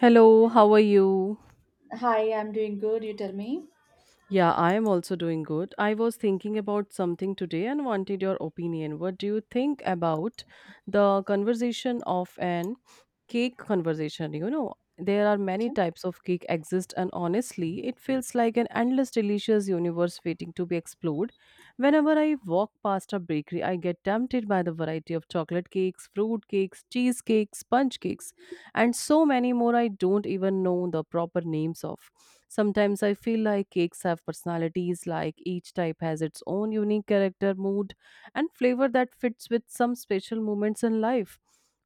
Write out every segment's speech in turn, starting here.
Hello, how are you? Hi, I'm doing good. You tell me. Yeah, I am also doing good. I was thinking about something today and wanted your opinion. What do you think about the conversation of an cake conversation? You know, there are many Okay. types of cake exist and honestly, it feels like an endless delicious universe waiting to be explored. Whenever I walk past a bakery, I get tempted by the variety of chocolate cakes, fruit cakes, cheese cakes, sponge cakes and so many more I don't even know the proper names of. Sometimes I feel like cakes have personalities, like each type has its own unique character, mood, and flavor that fits with some special moments in life.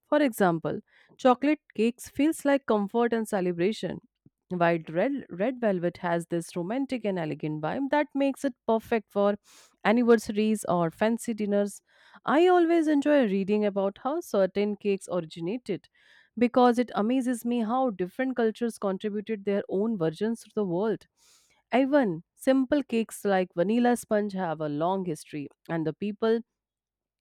For example, chocolate cakes feels like comfort and celebration. While red velvet has this romantic and elegant vibe that makes it perfect for anniversaries or fancy dinners. I always enjoy reading about how certain cakes originated because it amazes me how different cultures contributed their own versions to the world. Even simple cakes like vanilla sponge have a long history, and the people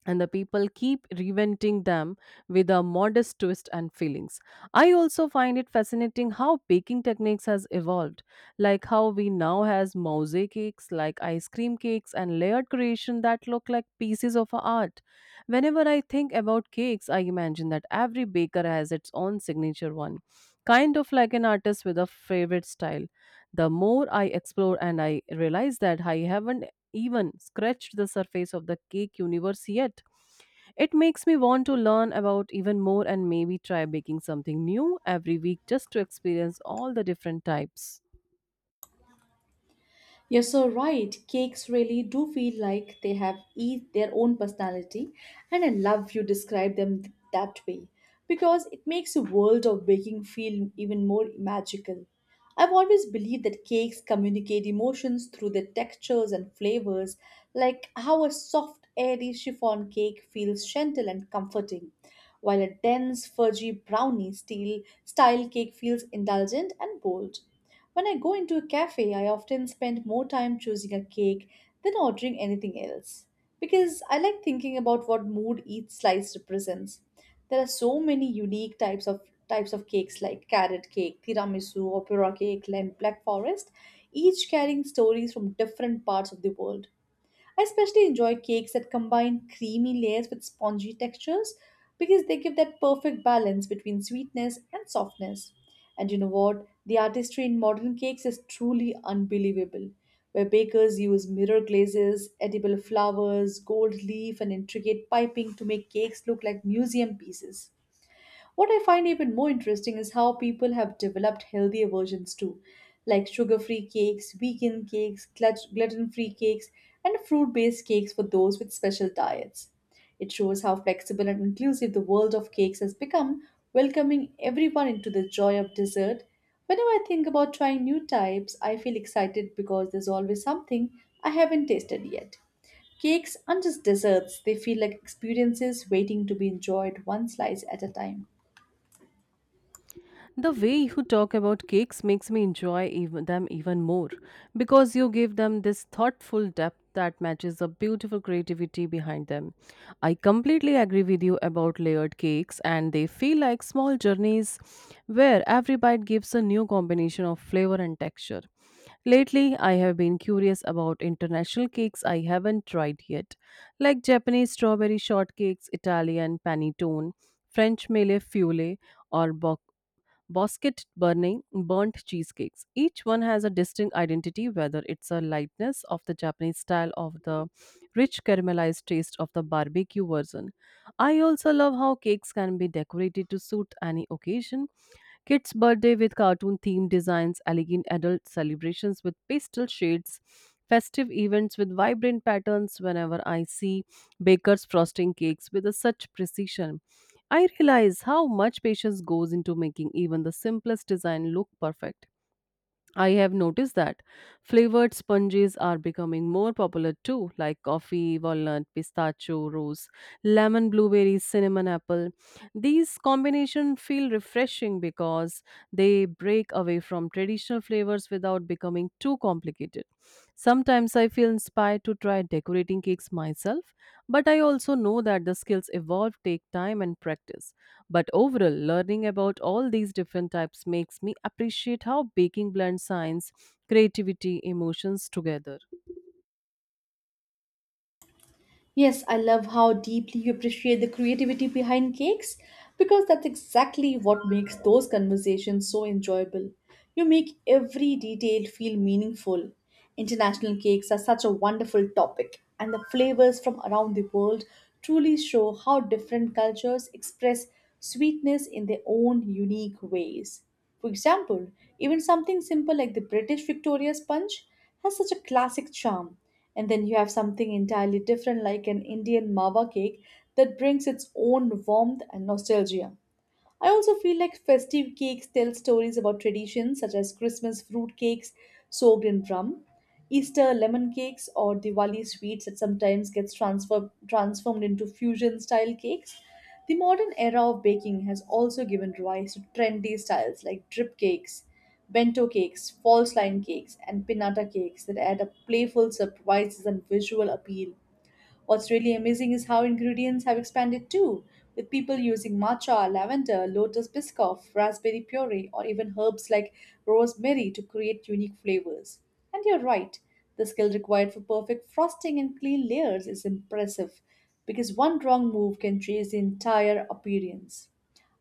and the people keep reinventing them with a modest twist and feelings. I also find it fascinating how baking techniques has evolved, like how we now has mosaic cakes, like ice cream cakes, and layered creation that look like pieces of art. Whenever I think about cakes, I imagine that every baker has its own signature one, kind of like an artist with a favorite style. The more I explore and I realize that I haven't even scratched the surface of the cake universe yet. It makes me want to learn about even more and maybe try baking something new every week just to experience all the different types. You're so right. Cakes really do feel like they have each their own personality, and I love you describe them that way because it makes the world of baking feel even more magical. I've always believed that cakes communicate emotions through their textures and flavors, like how a soft, airy chiffon cake feels gentle and comforting, while a dense, fudgy brownie steel style cake feels indulgent and bold. When I go into a cafe, I often spend more time choosing a cake than ordering anything else because I like thinking about what mood each slice represents. There are so many unique types of cakes like carrot cake, tiramisu, opera cake, and black forest, each carrying stories from different parts of the world. I especially enjoy cakes that combine creamy layers with spongy textures because they give that perfect balance between sweetness and softness. And you know what? The artistry in modern cakes is truly unbelievable, where bakers use mirror glazes, edible flowers, gold leaf, and intricate piping to make cakes look like museum pieces. What I find even more interesting is how people have developed healthier versions too, like sugar free cakes, vegan cakes, gluten free cakes, and fruit based cakes for those with special diets. It shows how flexible and inclusive the world of cakes has become, welcoming everyone into the joy of dessert. Whenever I think about trying new types, I feel excited because there's always something I haven't tasted yet. Cakes aren't just desserts, they feel like experiences waiting to be enjoyed one slice at a time. The way you talk about cakes makes me enjoy even them even more because you give them this thoughtful depth that matches the beautiful creativity behind them. I completely agree with you about layered cakes and they feel like small journeys where every bite gives a new combination of flavor and texture. Lately, I have been curious about international cakes I haven't tried yet, like Japanese strawberry shortcakes, Italian panettone, French mele fiole, or bosquet burning burnt cheesecakes. Each one has a distinct identity, whether it's a lightness of the Japanese style of the rich caramelized taste of the barbecue version. I also love how cakes can be decorated to suit any occasion. Kids' birthday with cartoon themed designs, elegant adult celebrations with pastel shades, festive events with vibrant patterns. Whenever I see bakers frosting cakes with a such precision, I realize how much patience goes into making even the simplest design look perfect. I have noticed that flavored sponges are becoming more popular too, like coffee, walnut, pistachio, rose, lemon, blueberry, cinnamon, apple. These combinations feel refreshing because they break away from traditional flavors without becoming too complicated. Sometimes I feel inspired to try decorating cakes myself, but I also know that the skills evolve, take time, and practice. But overall, learning about all these different types makes me appreciate how baking blends science, creativity, emotions together. Yes, I love how deeply you appreciate the creativity behind cakes because that's exactly what makes those conversations so enjoyable. You make every detail feel meaningful. International cakes are such a wonderful topic, and the flavors from around the world truly show how different cultures express sweetness in their own unique ways. For example, even something simple like the British Victoria sponge has such a classic charm and then you have something entirely different, like an Indian mawa cake, that brings its own warmth and nostalgia. I also feel like festive cakes tell stories about traditions such as Christmas fruit cakes soaked in rum, Easter lemon cakes, or Diwali sweets that sometimes gets transformed into fusion style cakes. The modern era of baking has also given rise to trendy styles like drip cakes, bento cakes, false line cakes, and pinata cakes that add a playful surprises and visual appeal. What's really amazing is how ingredients have expanded too, with people using matcha, lavender, lotus biscoff, raspberry puree, or even herbs like rosemary to create unique flavors. And you're right, the skill required for perfect frosting and clean layers is impressive because one wrong move can change the entire appearance.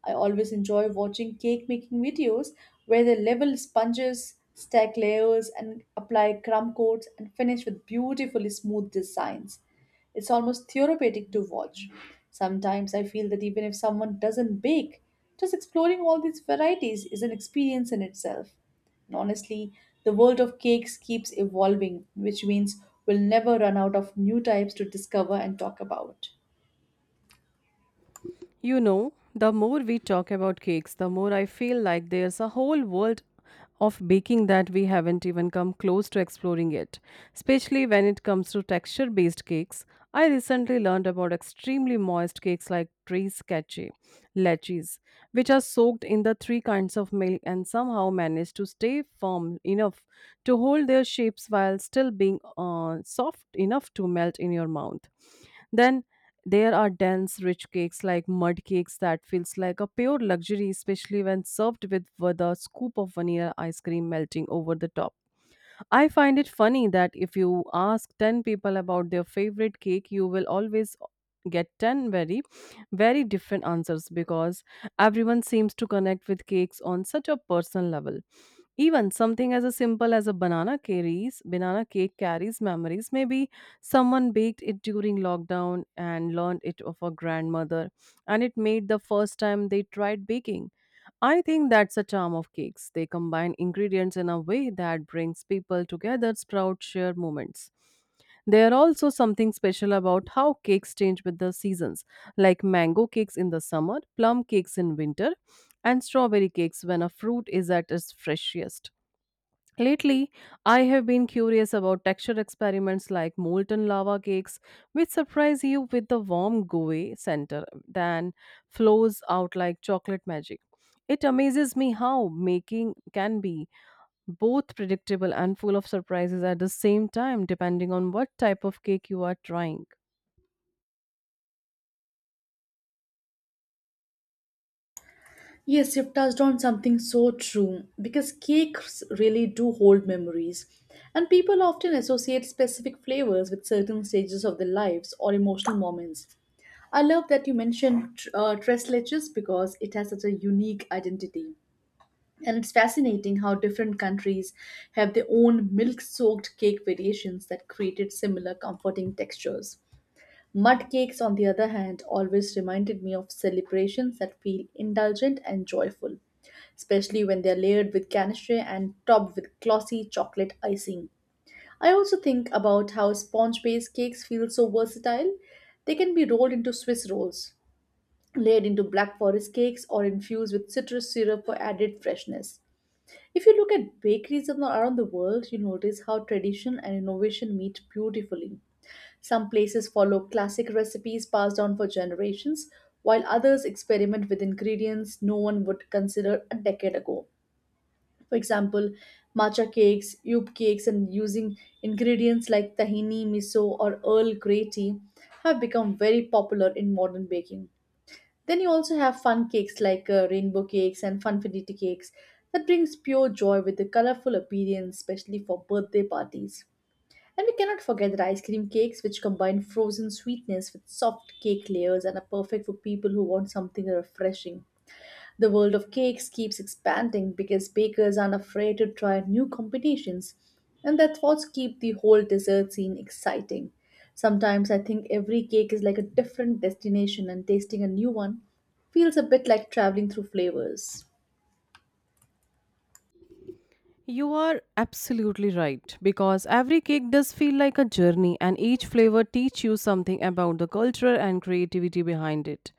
I always enjoy watching cake making videos where they level sponges, stack layers, and apply crumb coats and finish with beautifully smooth designs. It's almost therapeutic to watch. Sometimes I feel that even if someone doesn't bake, just exploring all these varieties is an experience in itself. And honestly, the world of cakes keeps evolving, which means we'll never run out of new types to discover and talk about. You know, the more we talk about cakes, the more I feel like there's a whole world of baking that we haven't even come close to exploring yet, especially when it comes to texture based cakes. I recently learned about extremely moist cakes like trace cache, leches, which are soaked in the three kinds of milk and somehow manage to stay firm enough to hold their shapes while still being soft enough to melt in your mouth. Then there are dense, rich cakes like mud cakes that feels like a pure luxury, especially when served with a scoop of vanilla ice cream melting over the top. I find it funny that if you ask 10 people about their favorite cake, you will always get 10 very different answers because everyone seems to connect with cakes on such a personal level. Even something as a simple as a banana carries banana cake carries memories. Maybe someone baked it during lockdown and learned it of a grandmother, and it made the first time they tried baking. I think that's the charm of cakes. They combine ingredients in a way that brings people together, sprout share moments. There are also something special about how cakes change with the seasons, like mango cakes in the summer, plum cakes in winter, and strawberry cakes when a fruit is at its freshest. Lately, I have been curious about texture experiments like molten lava cakes, which surprise you with the warm gooey center, then flows out like chocolate magic. It amazes me how making can be both predictable and full of surprises at the same time, depending on what type of cake you are trying. Yes, you've touched on something so true because cakes really do hold memories, and people often associate specific flavors with certain stages of their lives or emotional moments. I love that you mentioned tres leches because it has such a unique identity. And it's fascinating how different countries have their own milk soaked cake variations that created similar comforting textures. Mud cakes, on the other hand, always reminded me of celebrations that feel indulgent and joyful, especially when they are layered with ganache and topped with glossy chocolate icing. I also think about how sponge based cakes feel so versatile. They can be rolled into Swiss rolls, layered into black forest cakes, or infused with citrus syrup for added freshness. If you look at bakeries around the world, you notice how tradition and innovation meet beautifully. Some places follow classic recipes passed down for generations, while others experiment with ingredients no one would consider a decade ago. For example, matcha cakes, yub cakes, and using ingredients like tahini, miso, or Earl Grey tea have become very popular in modern baking. Then you also have fun cakes like rainbow cakes and funfinity cakes that brings pure joy with the colorful appearance, especially for birthday parties. And we cannot forget that ice cream cakes, which combine frozen sweetness with soft cake layers and are perfect for people who want something refreshing. The world of cakes keeps expanding because bakers aren't afraid to try new combinations, and that's what keeps the whole dessert scene exciting. Sometimes I think every cake is like a different destination, and tasting a new one feels a bit like traveling through flavors. You are absolutely right because every cake does feel like a journey and each flavor teach you something about the culture and creativity behind it.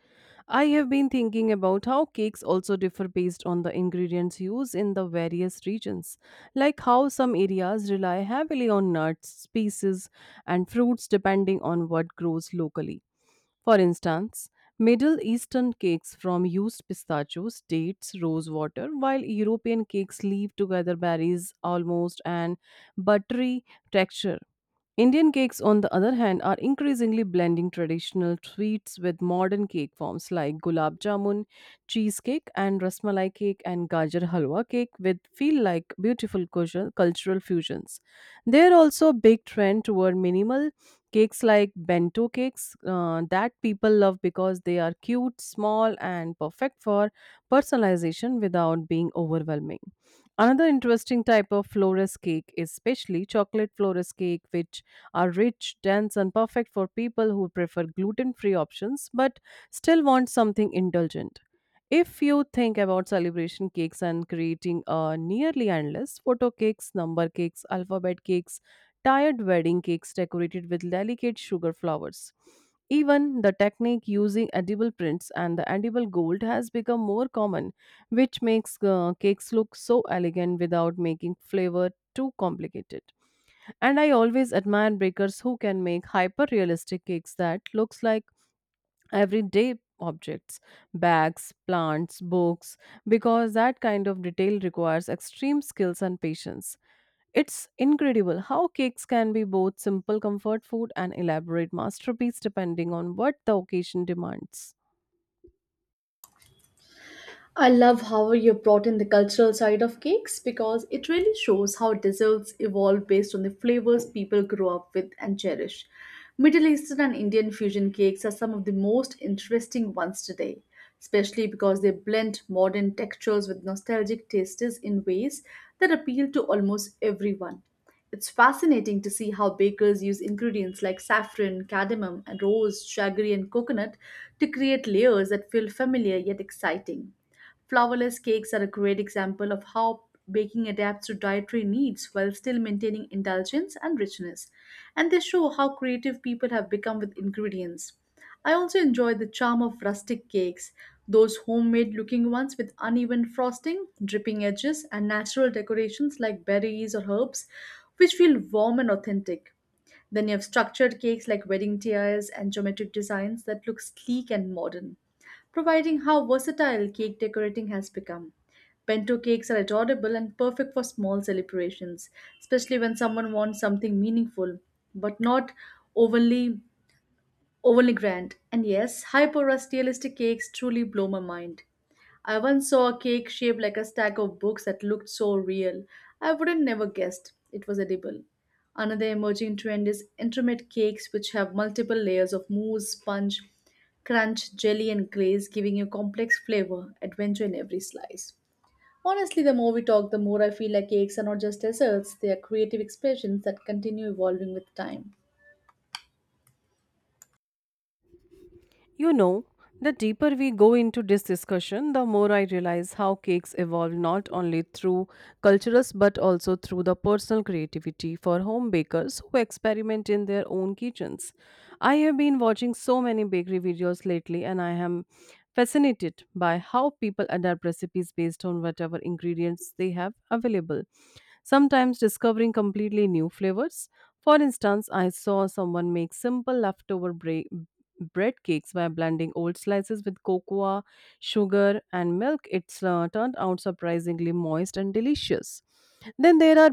I have been thinking about how cakes also differ based on the ingredients used in the various regions, like how some areas rely heavily on nuts, spices, and fruits depending on what grows locally for instance, Middle Eastern cakes from used pistachios, dates, rose water, while European cakes leave together berries, almost, and buttery texture. Indian cakes, on the other hand, are increasingly blending traditional sweets with modern cake forms like gulab jamun, cheesecake, and rasmalai cake and gajar halwa cake, which feel like beautiful cultural fusions. There are also a big trend toward minimal cakes like bento cakes that people love because they are cute, small, and perfect for personalization without being overwhelming. Another interesting type of florist cake is especially chocolate florist cake, which are rich, dense, and perfect for people who prefer gluten free options but still want something indulgent. If you think about celebration cakes and creating a nearly endless photo cakes, number cakes, alphabet cakes, tired wedding cakes decorated with delicate sugar flowers. Even the technique using edible prints and the edible gold has become more common which makes cakes look so elegant without making flavor too complicated. And I always admire bakers who can make hyper realistic cakes that looks like everyday objects, bags, plants, books because that kind of detail requires extreme skills and patience. It's incredible how cakes can be both simple comfort food and elaborate masterpiece depending on what the occasion demands. I love how you brought in the cultural side of cakes because it really shows how desserts evolve based on the flavors people grow up with and cherish. Middle Eastern and Indian fusion cakes are some of the most interesting ones today, especially because they blend modern textures with nostalgic tastes in ways that appeal to almost everyone. It's fascinating to see how bakers use ingredients like saffron, cardamom, and rose, shaggery, and coconut to create layers that feel familiar yet exciting. Flourless cakes are a great example of how baking adapts to dietary needs while still maintaining indulgence and richness, and they show how creative people have become with ingredients. I also enjoy the charm of rustic cakes, those homemade looking ones with uneven frosting, dripping edges, and natural decorations like berries or herbs, which feel warm and authentic. Then you have structured cakes like wedding tiaras and geometric designs that look sleek and modern, providing how versatile cake decorating has become. Bento cakes are adorable and perfect for small celebrations, especially when someone wants something meaningful but not overly only grand. And yes, hyper-realistic cakes truly blow my mind. I once saw a cake shaped like a stack of books that looked so real. I wouldn't never guessed it was edible. Another emerging trend is intermittent cakes which have multiple layers of mousse, sponge, crunch, jelly and glaze giving you complex flavor, adventure in every slice. Honestly, the more we talk, the more I feel like cakes are not just desserts, they are creative expressions that continue evolving with time. You know, the deeper we go into this discussion, the more I realize how cakes evolve not only through cultures but also through the personal creativity for home bakers who experiment in their own kitchens. I have been watching so many bakery videos lately and I am fascinated by how people adapt recipes based on whatever ingredients they have available sometimes discovering completely new flavors. For instance, I saw someone make simple leftover bread cakes by blending old slices with cocoa, sugar, and milk. It's turned out surprisingly moist and delicious. Then there are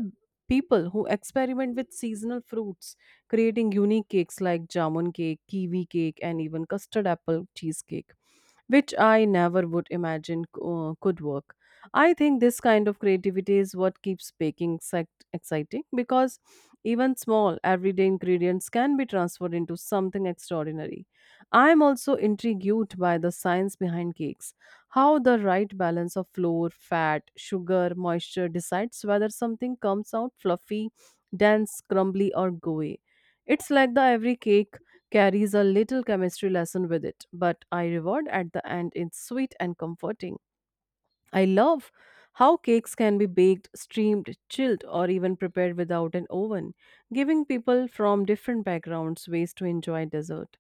people who experiment with seasonal fruits, creating unique cakes like jamun cake, kiwi cake, and even custard apple cheesecake which I never would imagine could work. I think this kind of creativity is what keeps baking exciting because even small everyday ingredients can be transformed into something extraordinary. I am also intrigued by the science behind cakes, how the right balance of flour, fat, sugar, moisture decides whether something comes out fluffy, dense, crumbly, or gooey. It's like the every cake carries a little chemistry lesson with it, but I reward at the end is sweet and comforting. I love how cakes can be baked, steamed, chilled, or even prepared without an oven, giving people from different backgrounds ways to enjoy dessert.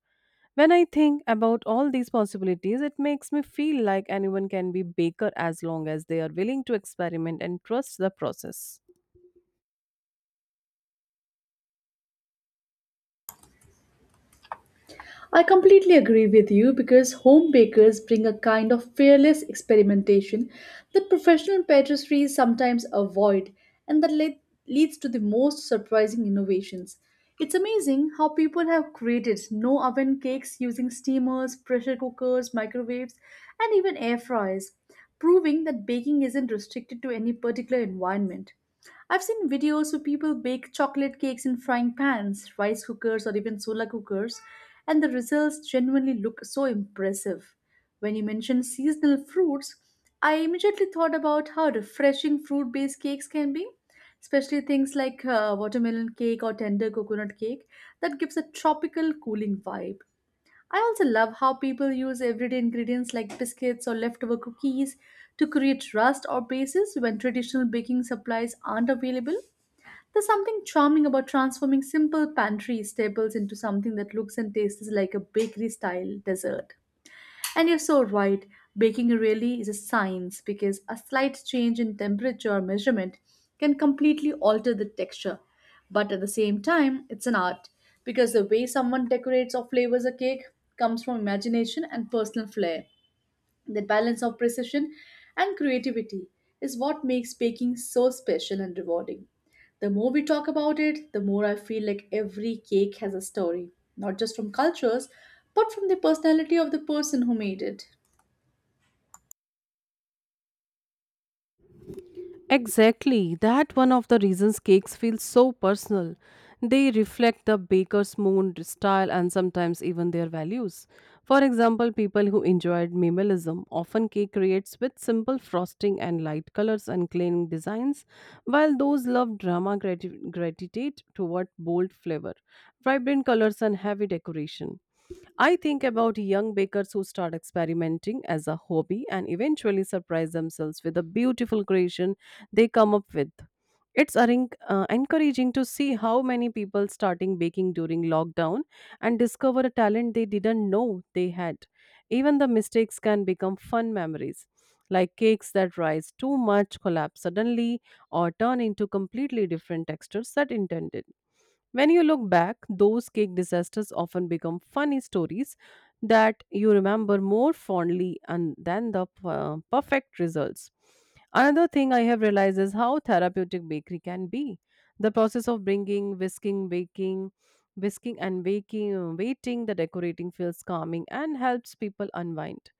When I think about all these possibilities, it makes me feel like anyone can be baker as long as they are willing to experiment and trust the process. I completely agree with you because home bakers bring a kind of fearless experimentation that professional patisseries sometimes avoid and that leads to the most surprising innovations. It's amazing how people have created no oven cakes using steamers, pressure cookers, microwaves, and even air fryers, proving that baking isn't restricted to any particular environment. I've seen videos where people bake chocolate cakes in frying pans, rice cookers, or even solar cookers, and the results genuinely look so impressive. When you mentioned seasonal fruits, I immediately thought about how refreshing fruit based cakes can be, especially things like watermelon cake or tender coconut cake that gives a tropical cooling vibe. I also love how people use everyday ingredients like biscuits or leftover cookies to create rust or bases when traditional baking supplies aren't available. There's something charming about transforming simple pantry staples into something that looks and tastes like a bakery style dessert. And you're so right, baking really is a science because a slight change in temperature or measurement can completely alter the texture. But at the same time, it's an art because the way someone decorates or flavors a cake comes from imagination and personal flair. That balance of precision and creativity is what makes baking so special and rewarding. The more we talk about it, the more I feel like every cake has a story, not just from cultures, but from the personality of the person who made it. Exactly. That one of the reasons cakes feel so personal. They reflect the baker's mood, style, and sometimes even their values. For example, people who enjoyed minimalism often cake creates with simple frosting and light colors and clean designs, while those love drama gravitate toward bold flavor, vibrant colors, and heavy decoration. I think about young bakers who start experimenting as a hobby and eventually surprise themselves with a beautiful creation they come up with. It's encouraging to see how many people starting baking during lockdown and discover a talent they didn't know they had. Even the mistakes can become fun memories, like cakes that rise too much, collapse suddenly, or turn into completely different textures that intended. When you look back, those cake disasters often become funny stories that you remember more fondly and than the perfect results. Another thing I have realized is how therapeutic bakery can be. The process of bringing, whisking, baking, waiting, the decorating feels calming and helps people unwind.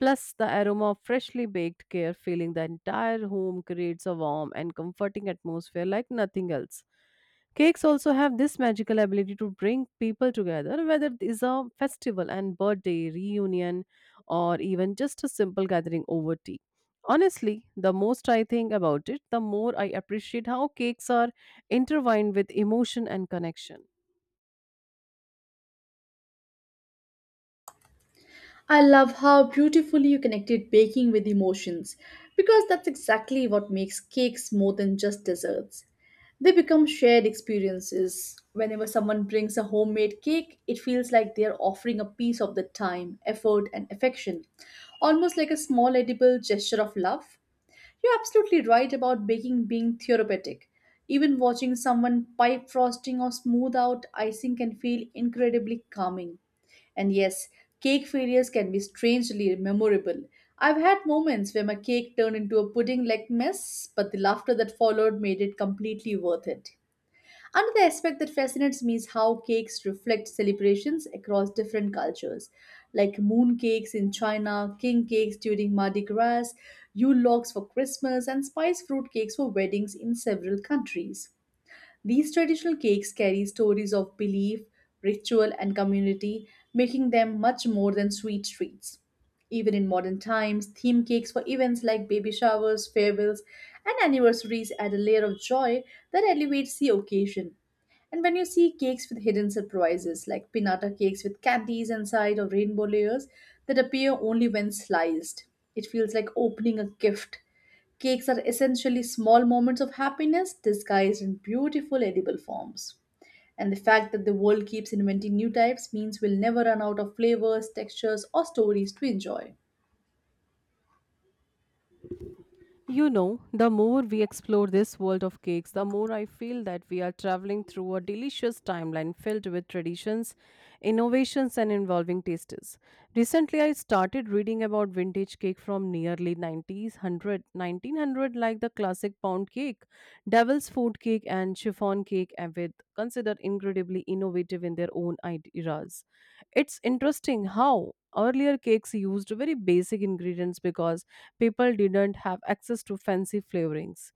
Plus, the aroma of freshly baked care filling the entire home creates a warm and comforting atmosphere like nothing else. Cakes also have this magical ability to bring people together, whether it is a festival and birthday, reunion, or even just a simple gathering over tea. Honestly, the most I think about it, the more I appreciate how cakes are intertwined with emotion and connection. I love how beautifully you connected baking with emotions because that's exactly what makes cakes more than just desserts. They become shared experiences. Whenever someone brings a homemade cake, it feels like they're offering a piece of the time, effort, and affection, almost like a small edible gesture of love. You're absolutely right about baking being therapeutic. Even watching someone pipe frosting or smooth out icing can feel incredibly calming. And yes, cake failures can be strangely memorable. I've had moments where my cake turned into a pudding like mess, but the laughter that followed made it completely worth it. Another aspect that fascinates me is how cakes reflect celebrations across different cultures, like moon cakes in China, king cakes during Mardi Gras, Yule logs for Christmas, and spice fruit cakes for weddings in several countries. These traditional cakes carry stories of belief, ritual, and community, making them much more than sweet treats. Even in modern times, theme cakes for events like baby showers, farewells, and anniversaries add a layer of joy that elevates the occasion. And when you see cakes with hidden surprises, like pinata cakes with candies inside or rainbow layers that appear only when sliced, it feels like opening a gift. Cakes are essentially small moments of happiness disguised in beautiful edible forms. And the fact that the world keeps inventing new types means we'll never run out of flavors, textures, or stories to enjoy. The more we explore this world of cakes, the more I feel that we are traveling through a delicious timeline filled with traditions, innovations, and involving tastes. Recently, I started reading about vintage cake from nearly 90s, 100, 1900, like the classic pound cake, devil's food cake, and chiffon cake, and with considered incredibly innovative in their own eras. It's interesting how earlier cakes used very basic ingredients because people didn't have access to fancy flavorings.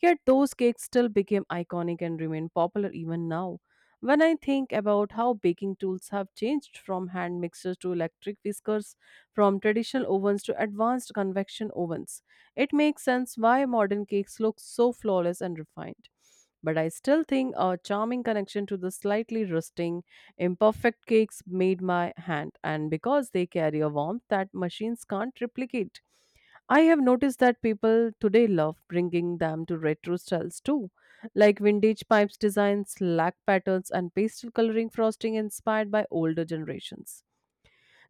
Yet those cakes still became iconic and remain popular even now. When I think about how baking tools have changed from hand mixers to electric whiskers, from traditional ovens to advanced convection ovens, it makes sense why modern cakes look so flawless and refined. But I still think a charming connection to the slightly rusting, imperfect cakes made by hand, and because they carry a warmth that machines can't replicate. I have noticed that people today love bringing them to retro styles too, like vintage pipes designs, lac patterns, and pastel coloring frosting inspired by older generations.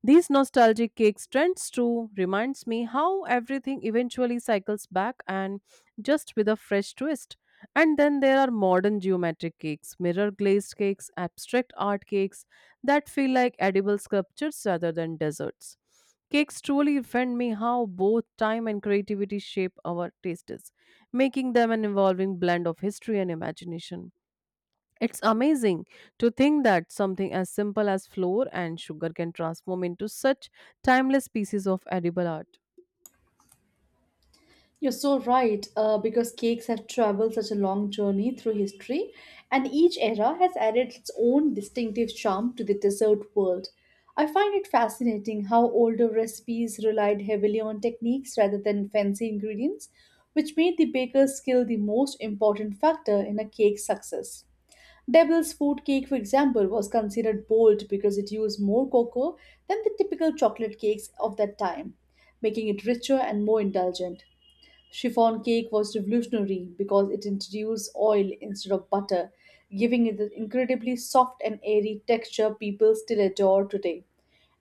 These nostalgic cakes trends too reminds me how everything eventually cycles back and just with a fresh twist. And then there are modern geometric cakes, mirror glazed cakes, abstract art cakes that feel like edible sculptures rather than desserts. Cakes truly offend me how both time and creativity shape our tastes, making them an evolving blend of history and imagination. It's amazing to think that something as simple as flour and sugar can transform into such timeless pieces of edible art. You're so right, because cakes have traveled such a long journey through history, and each era has added its own distinctive charm to the dessert world. I find it fascinating how older recipes relied heavily on techniques rather than fancy ingredients, which made the baker's skill the most important factor in a cake's success. Devil's food cake, for example, was considered bold because it used more cocoa than the typical chocolate cakes of that time, making it richer and more indulgent. Chiffon cake was revolutionary because it introduced oil instead of butter, giving it the incredibly soft and airy texture people still adore today.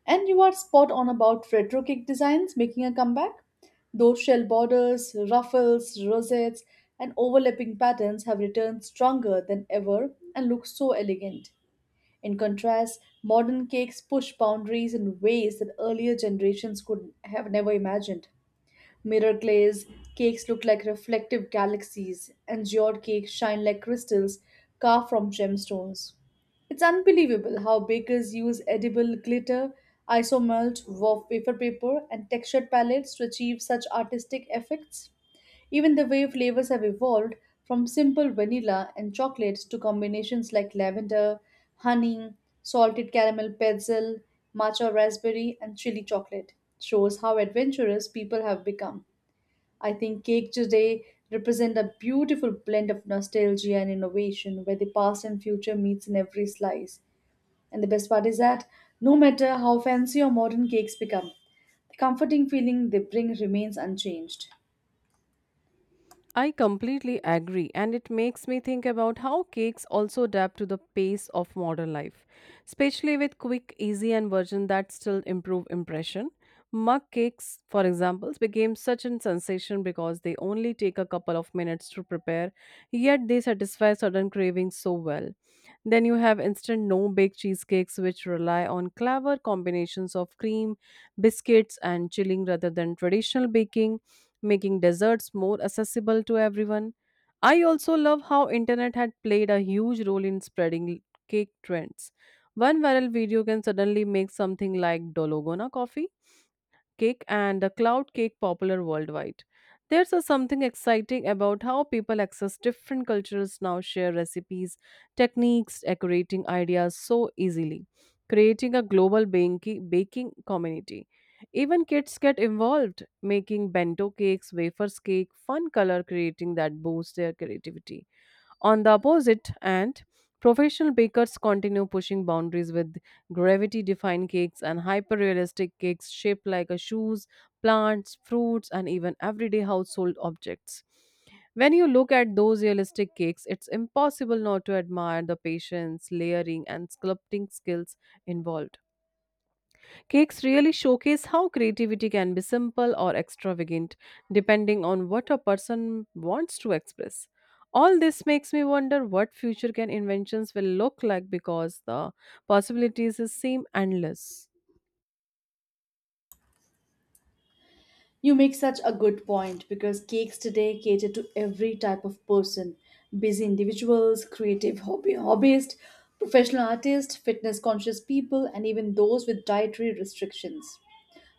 And you are spot on about retro cake designs making a comeback. Those shell borders, ruffles, rosettes, and overlapping patterns have returned stronger than ever and look so elegant. In contrast, modern cakes push boundaries in ways that earlier generations could have never imagined. Mirror glaze cakes look like reflective galaxies, and geode cakes shine like crystals carved from gemstones. It's unbelievable how bakers use edible glitter, isomelt, wafer paper, and textured palettes to achieve such artistic effects. Even the way flavors have evolved from simple vanilla and chocolate to combinations like lavender, honey, salted caramel pretzel, matcha raspberry, and chili chocolate shows how adventurous people have become. I think cake today represent a beautiful blend of nostalgia and innovation where the past and future meets in every slice. And the best part is that no matter how fancy or modern cakes become, the comforting feeling they bring remains unchanged. I completely agree, and it makes me think about how cakes also adapt to the pace of modern life, especially with quick, easy, and version that still improve impression. Mug cakes, for example, became such a sensation because they only take a couple of minutes to prepare, yet they satisfy certain cravings so well. Then you have instant no bake cheesecakes, which rely on clever combinations of cream, biscuits, and chilling rather than traditional baking, making desserts more accessible to everyone. I also love how internet had played a huge role in spreading cake trends. One viral video can suddenly make something like Dologona coffee cake and the cloud cake popular worldwide. There's a something exciting about how people access different cultures now share recipes, techniques, decorating ideas so easily, creating a global baking community. Even kids get involved, making bento cakes, wafers cake, fun color creating that boosts their creativity. On the opposite end, professional bakers continue pushing boundaries with gravity defying cakes and hyper realistic cakes shaped like a shoes, plants, fruits, and even everyday household objects. When you look at those realistic cakes, it's impossible not to admire the patience, layering, and sculpting skills involved. Cakes really showcase how creativity can be simple or extravagant, depending on what a person wants to express. All this makes me wonder what future can inventions will look like because the possibilities seem endless. You make such a good point because cakes today cater to every type of person: busy individuals, creative hobbyists, professional artists, fitness conscious people, and even those with dietary restrictions.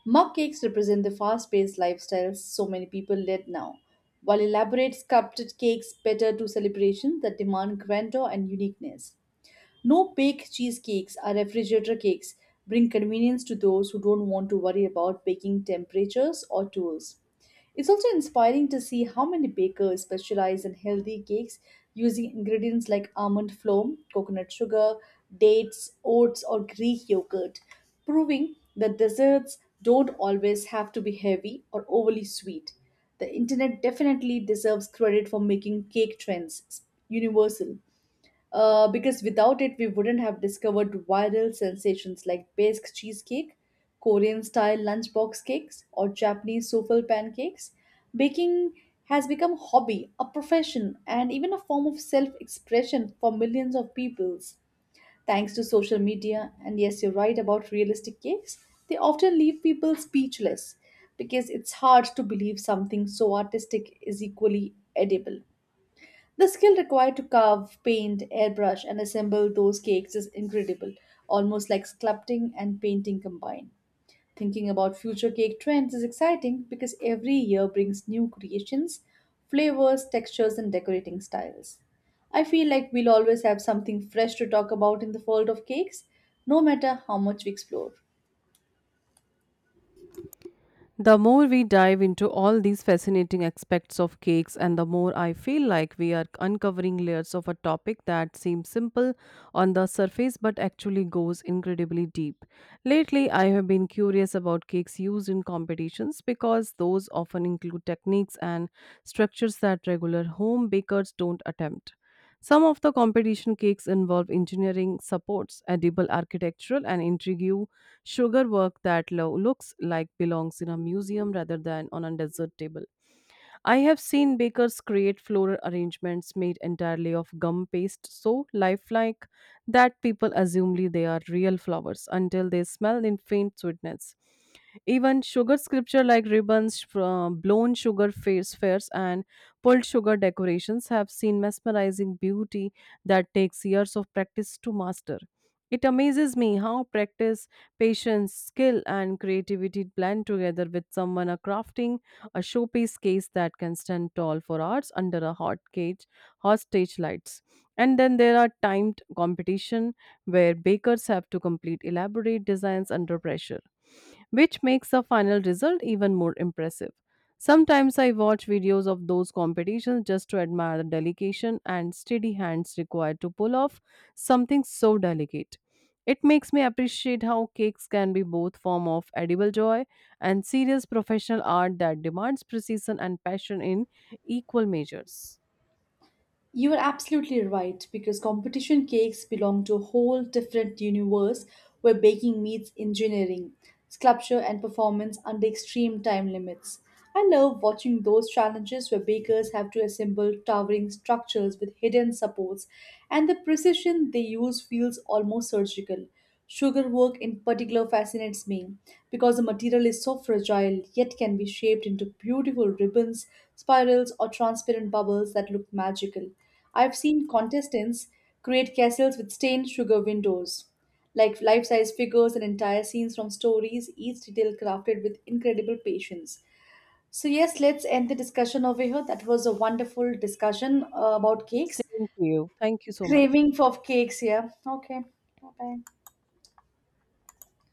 Mug cakes represent the fast paced lifestyles so many people lead now, while elaborate sculpted cakes better to celebrations that demand grandeur and uniqueness. No bake cheesecakes or refrigerator cakes bring convenience to those who don't want to worry about baking temperatures or tools. It's also inspiring to see how many bakers specialize in healthy cakes using ingredients like almond flour, coconut sugar, dates, oats, or Greek yogurt, proving that desserts don't always have to be heavy or overly sweet. The internet definitely deserves credit for making cake trends universal, because without it, we wouldn't have discovered viral sensations like Basque cheesecake, Korean style lunchbox cakes, or Japanese souffle pancakes. Baking has become a hobby, a profession, and even a form of self expression for millions of peoples, thanks to social media. And yes, you're right about realistic cakes, they often leave people speechless because it's hard to believe something so artistic is equally edible. The skill required to carve, paint, airbrush, and assemble those cakes is incredible, almost like sculpting and painting combined. Thinking about future cake trends is exciting because every year brings new creations, flavors, textures, and decorating styles. I feel like we'll always have something fresh to talk about in the world of cakes, no matter how much we explore. The more we dive into all these fascinating aspects of cakes, and the more I feel like we are uncovering layers of a topic that seems simple on the surface but actually goes incredibly deep. Lately, I have been curious about cakes used in competitions because those often include techniques and structures that regular home bakers don't attempt. Some of the competition cakes involve engineering supports, edible architectural, and intrigue sugar work that looks like belongs in a museum rather than on a desert table. I have seen bakers create floral arrangements made entirely of gum paste so lifelike that people assume they are real flowers until they smell in faint sweetness. Even sugar sculpture like ribbons, blown sugar face fairs, and pulled sugar decorations have seen mesmerizing beauty that takes years of practice to master. It amazes me how practice, patience, skill, and creativity blend together with someone are crafting a showpiece case that can stand tall for hours under a hot stage lights. And then there are timed competition where bakers have to complete elaborate designs under pressure, which makes the final result even more impressive. Sometimes I watch videos of those competitions just to admire the delegation and steady hands required to pull off something so delicate. It makes me appreciate how cakes can be both form of edible joy and serious professional art that demands precision and passion in equal measures. You are absolutely right because competition cakes belong to a whole different universe where baking meets engineering, sculpture, and performance under extreme time limits. I love watching those challenges where bakers have to assemble towering structures with hidden supports, and the precision they use feels almost surgical. Sugar work in particular fascinates me because the material is so fragile yet can be shaped into beautiful ribbons, spirals, or transparent bubbles that look magical. I've seen contestants create castles with stained sugar windows, like life size figures and entire scenes from stories, each detail crafted with incredible patience. So, yes, let's end the discussion over here. That was a wonderful discussion about cakes. Same to you. Thank you so much. Craving for cakes, yeah. Okay, bye bye.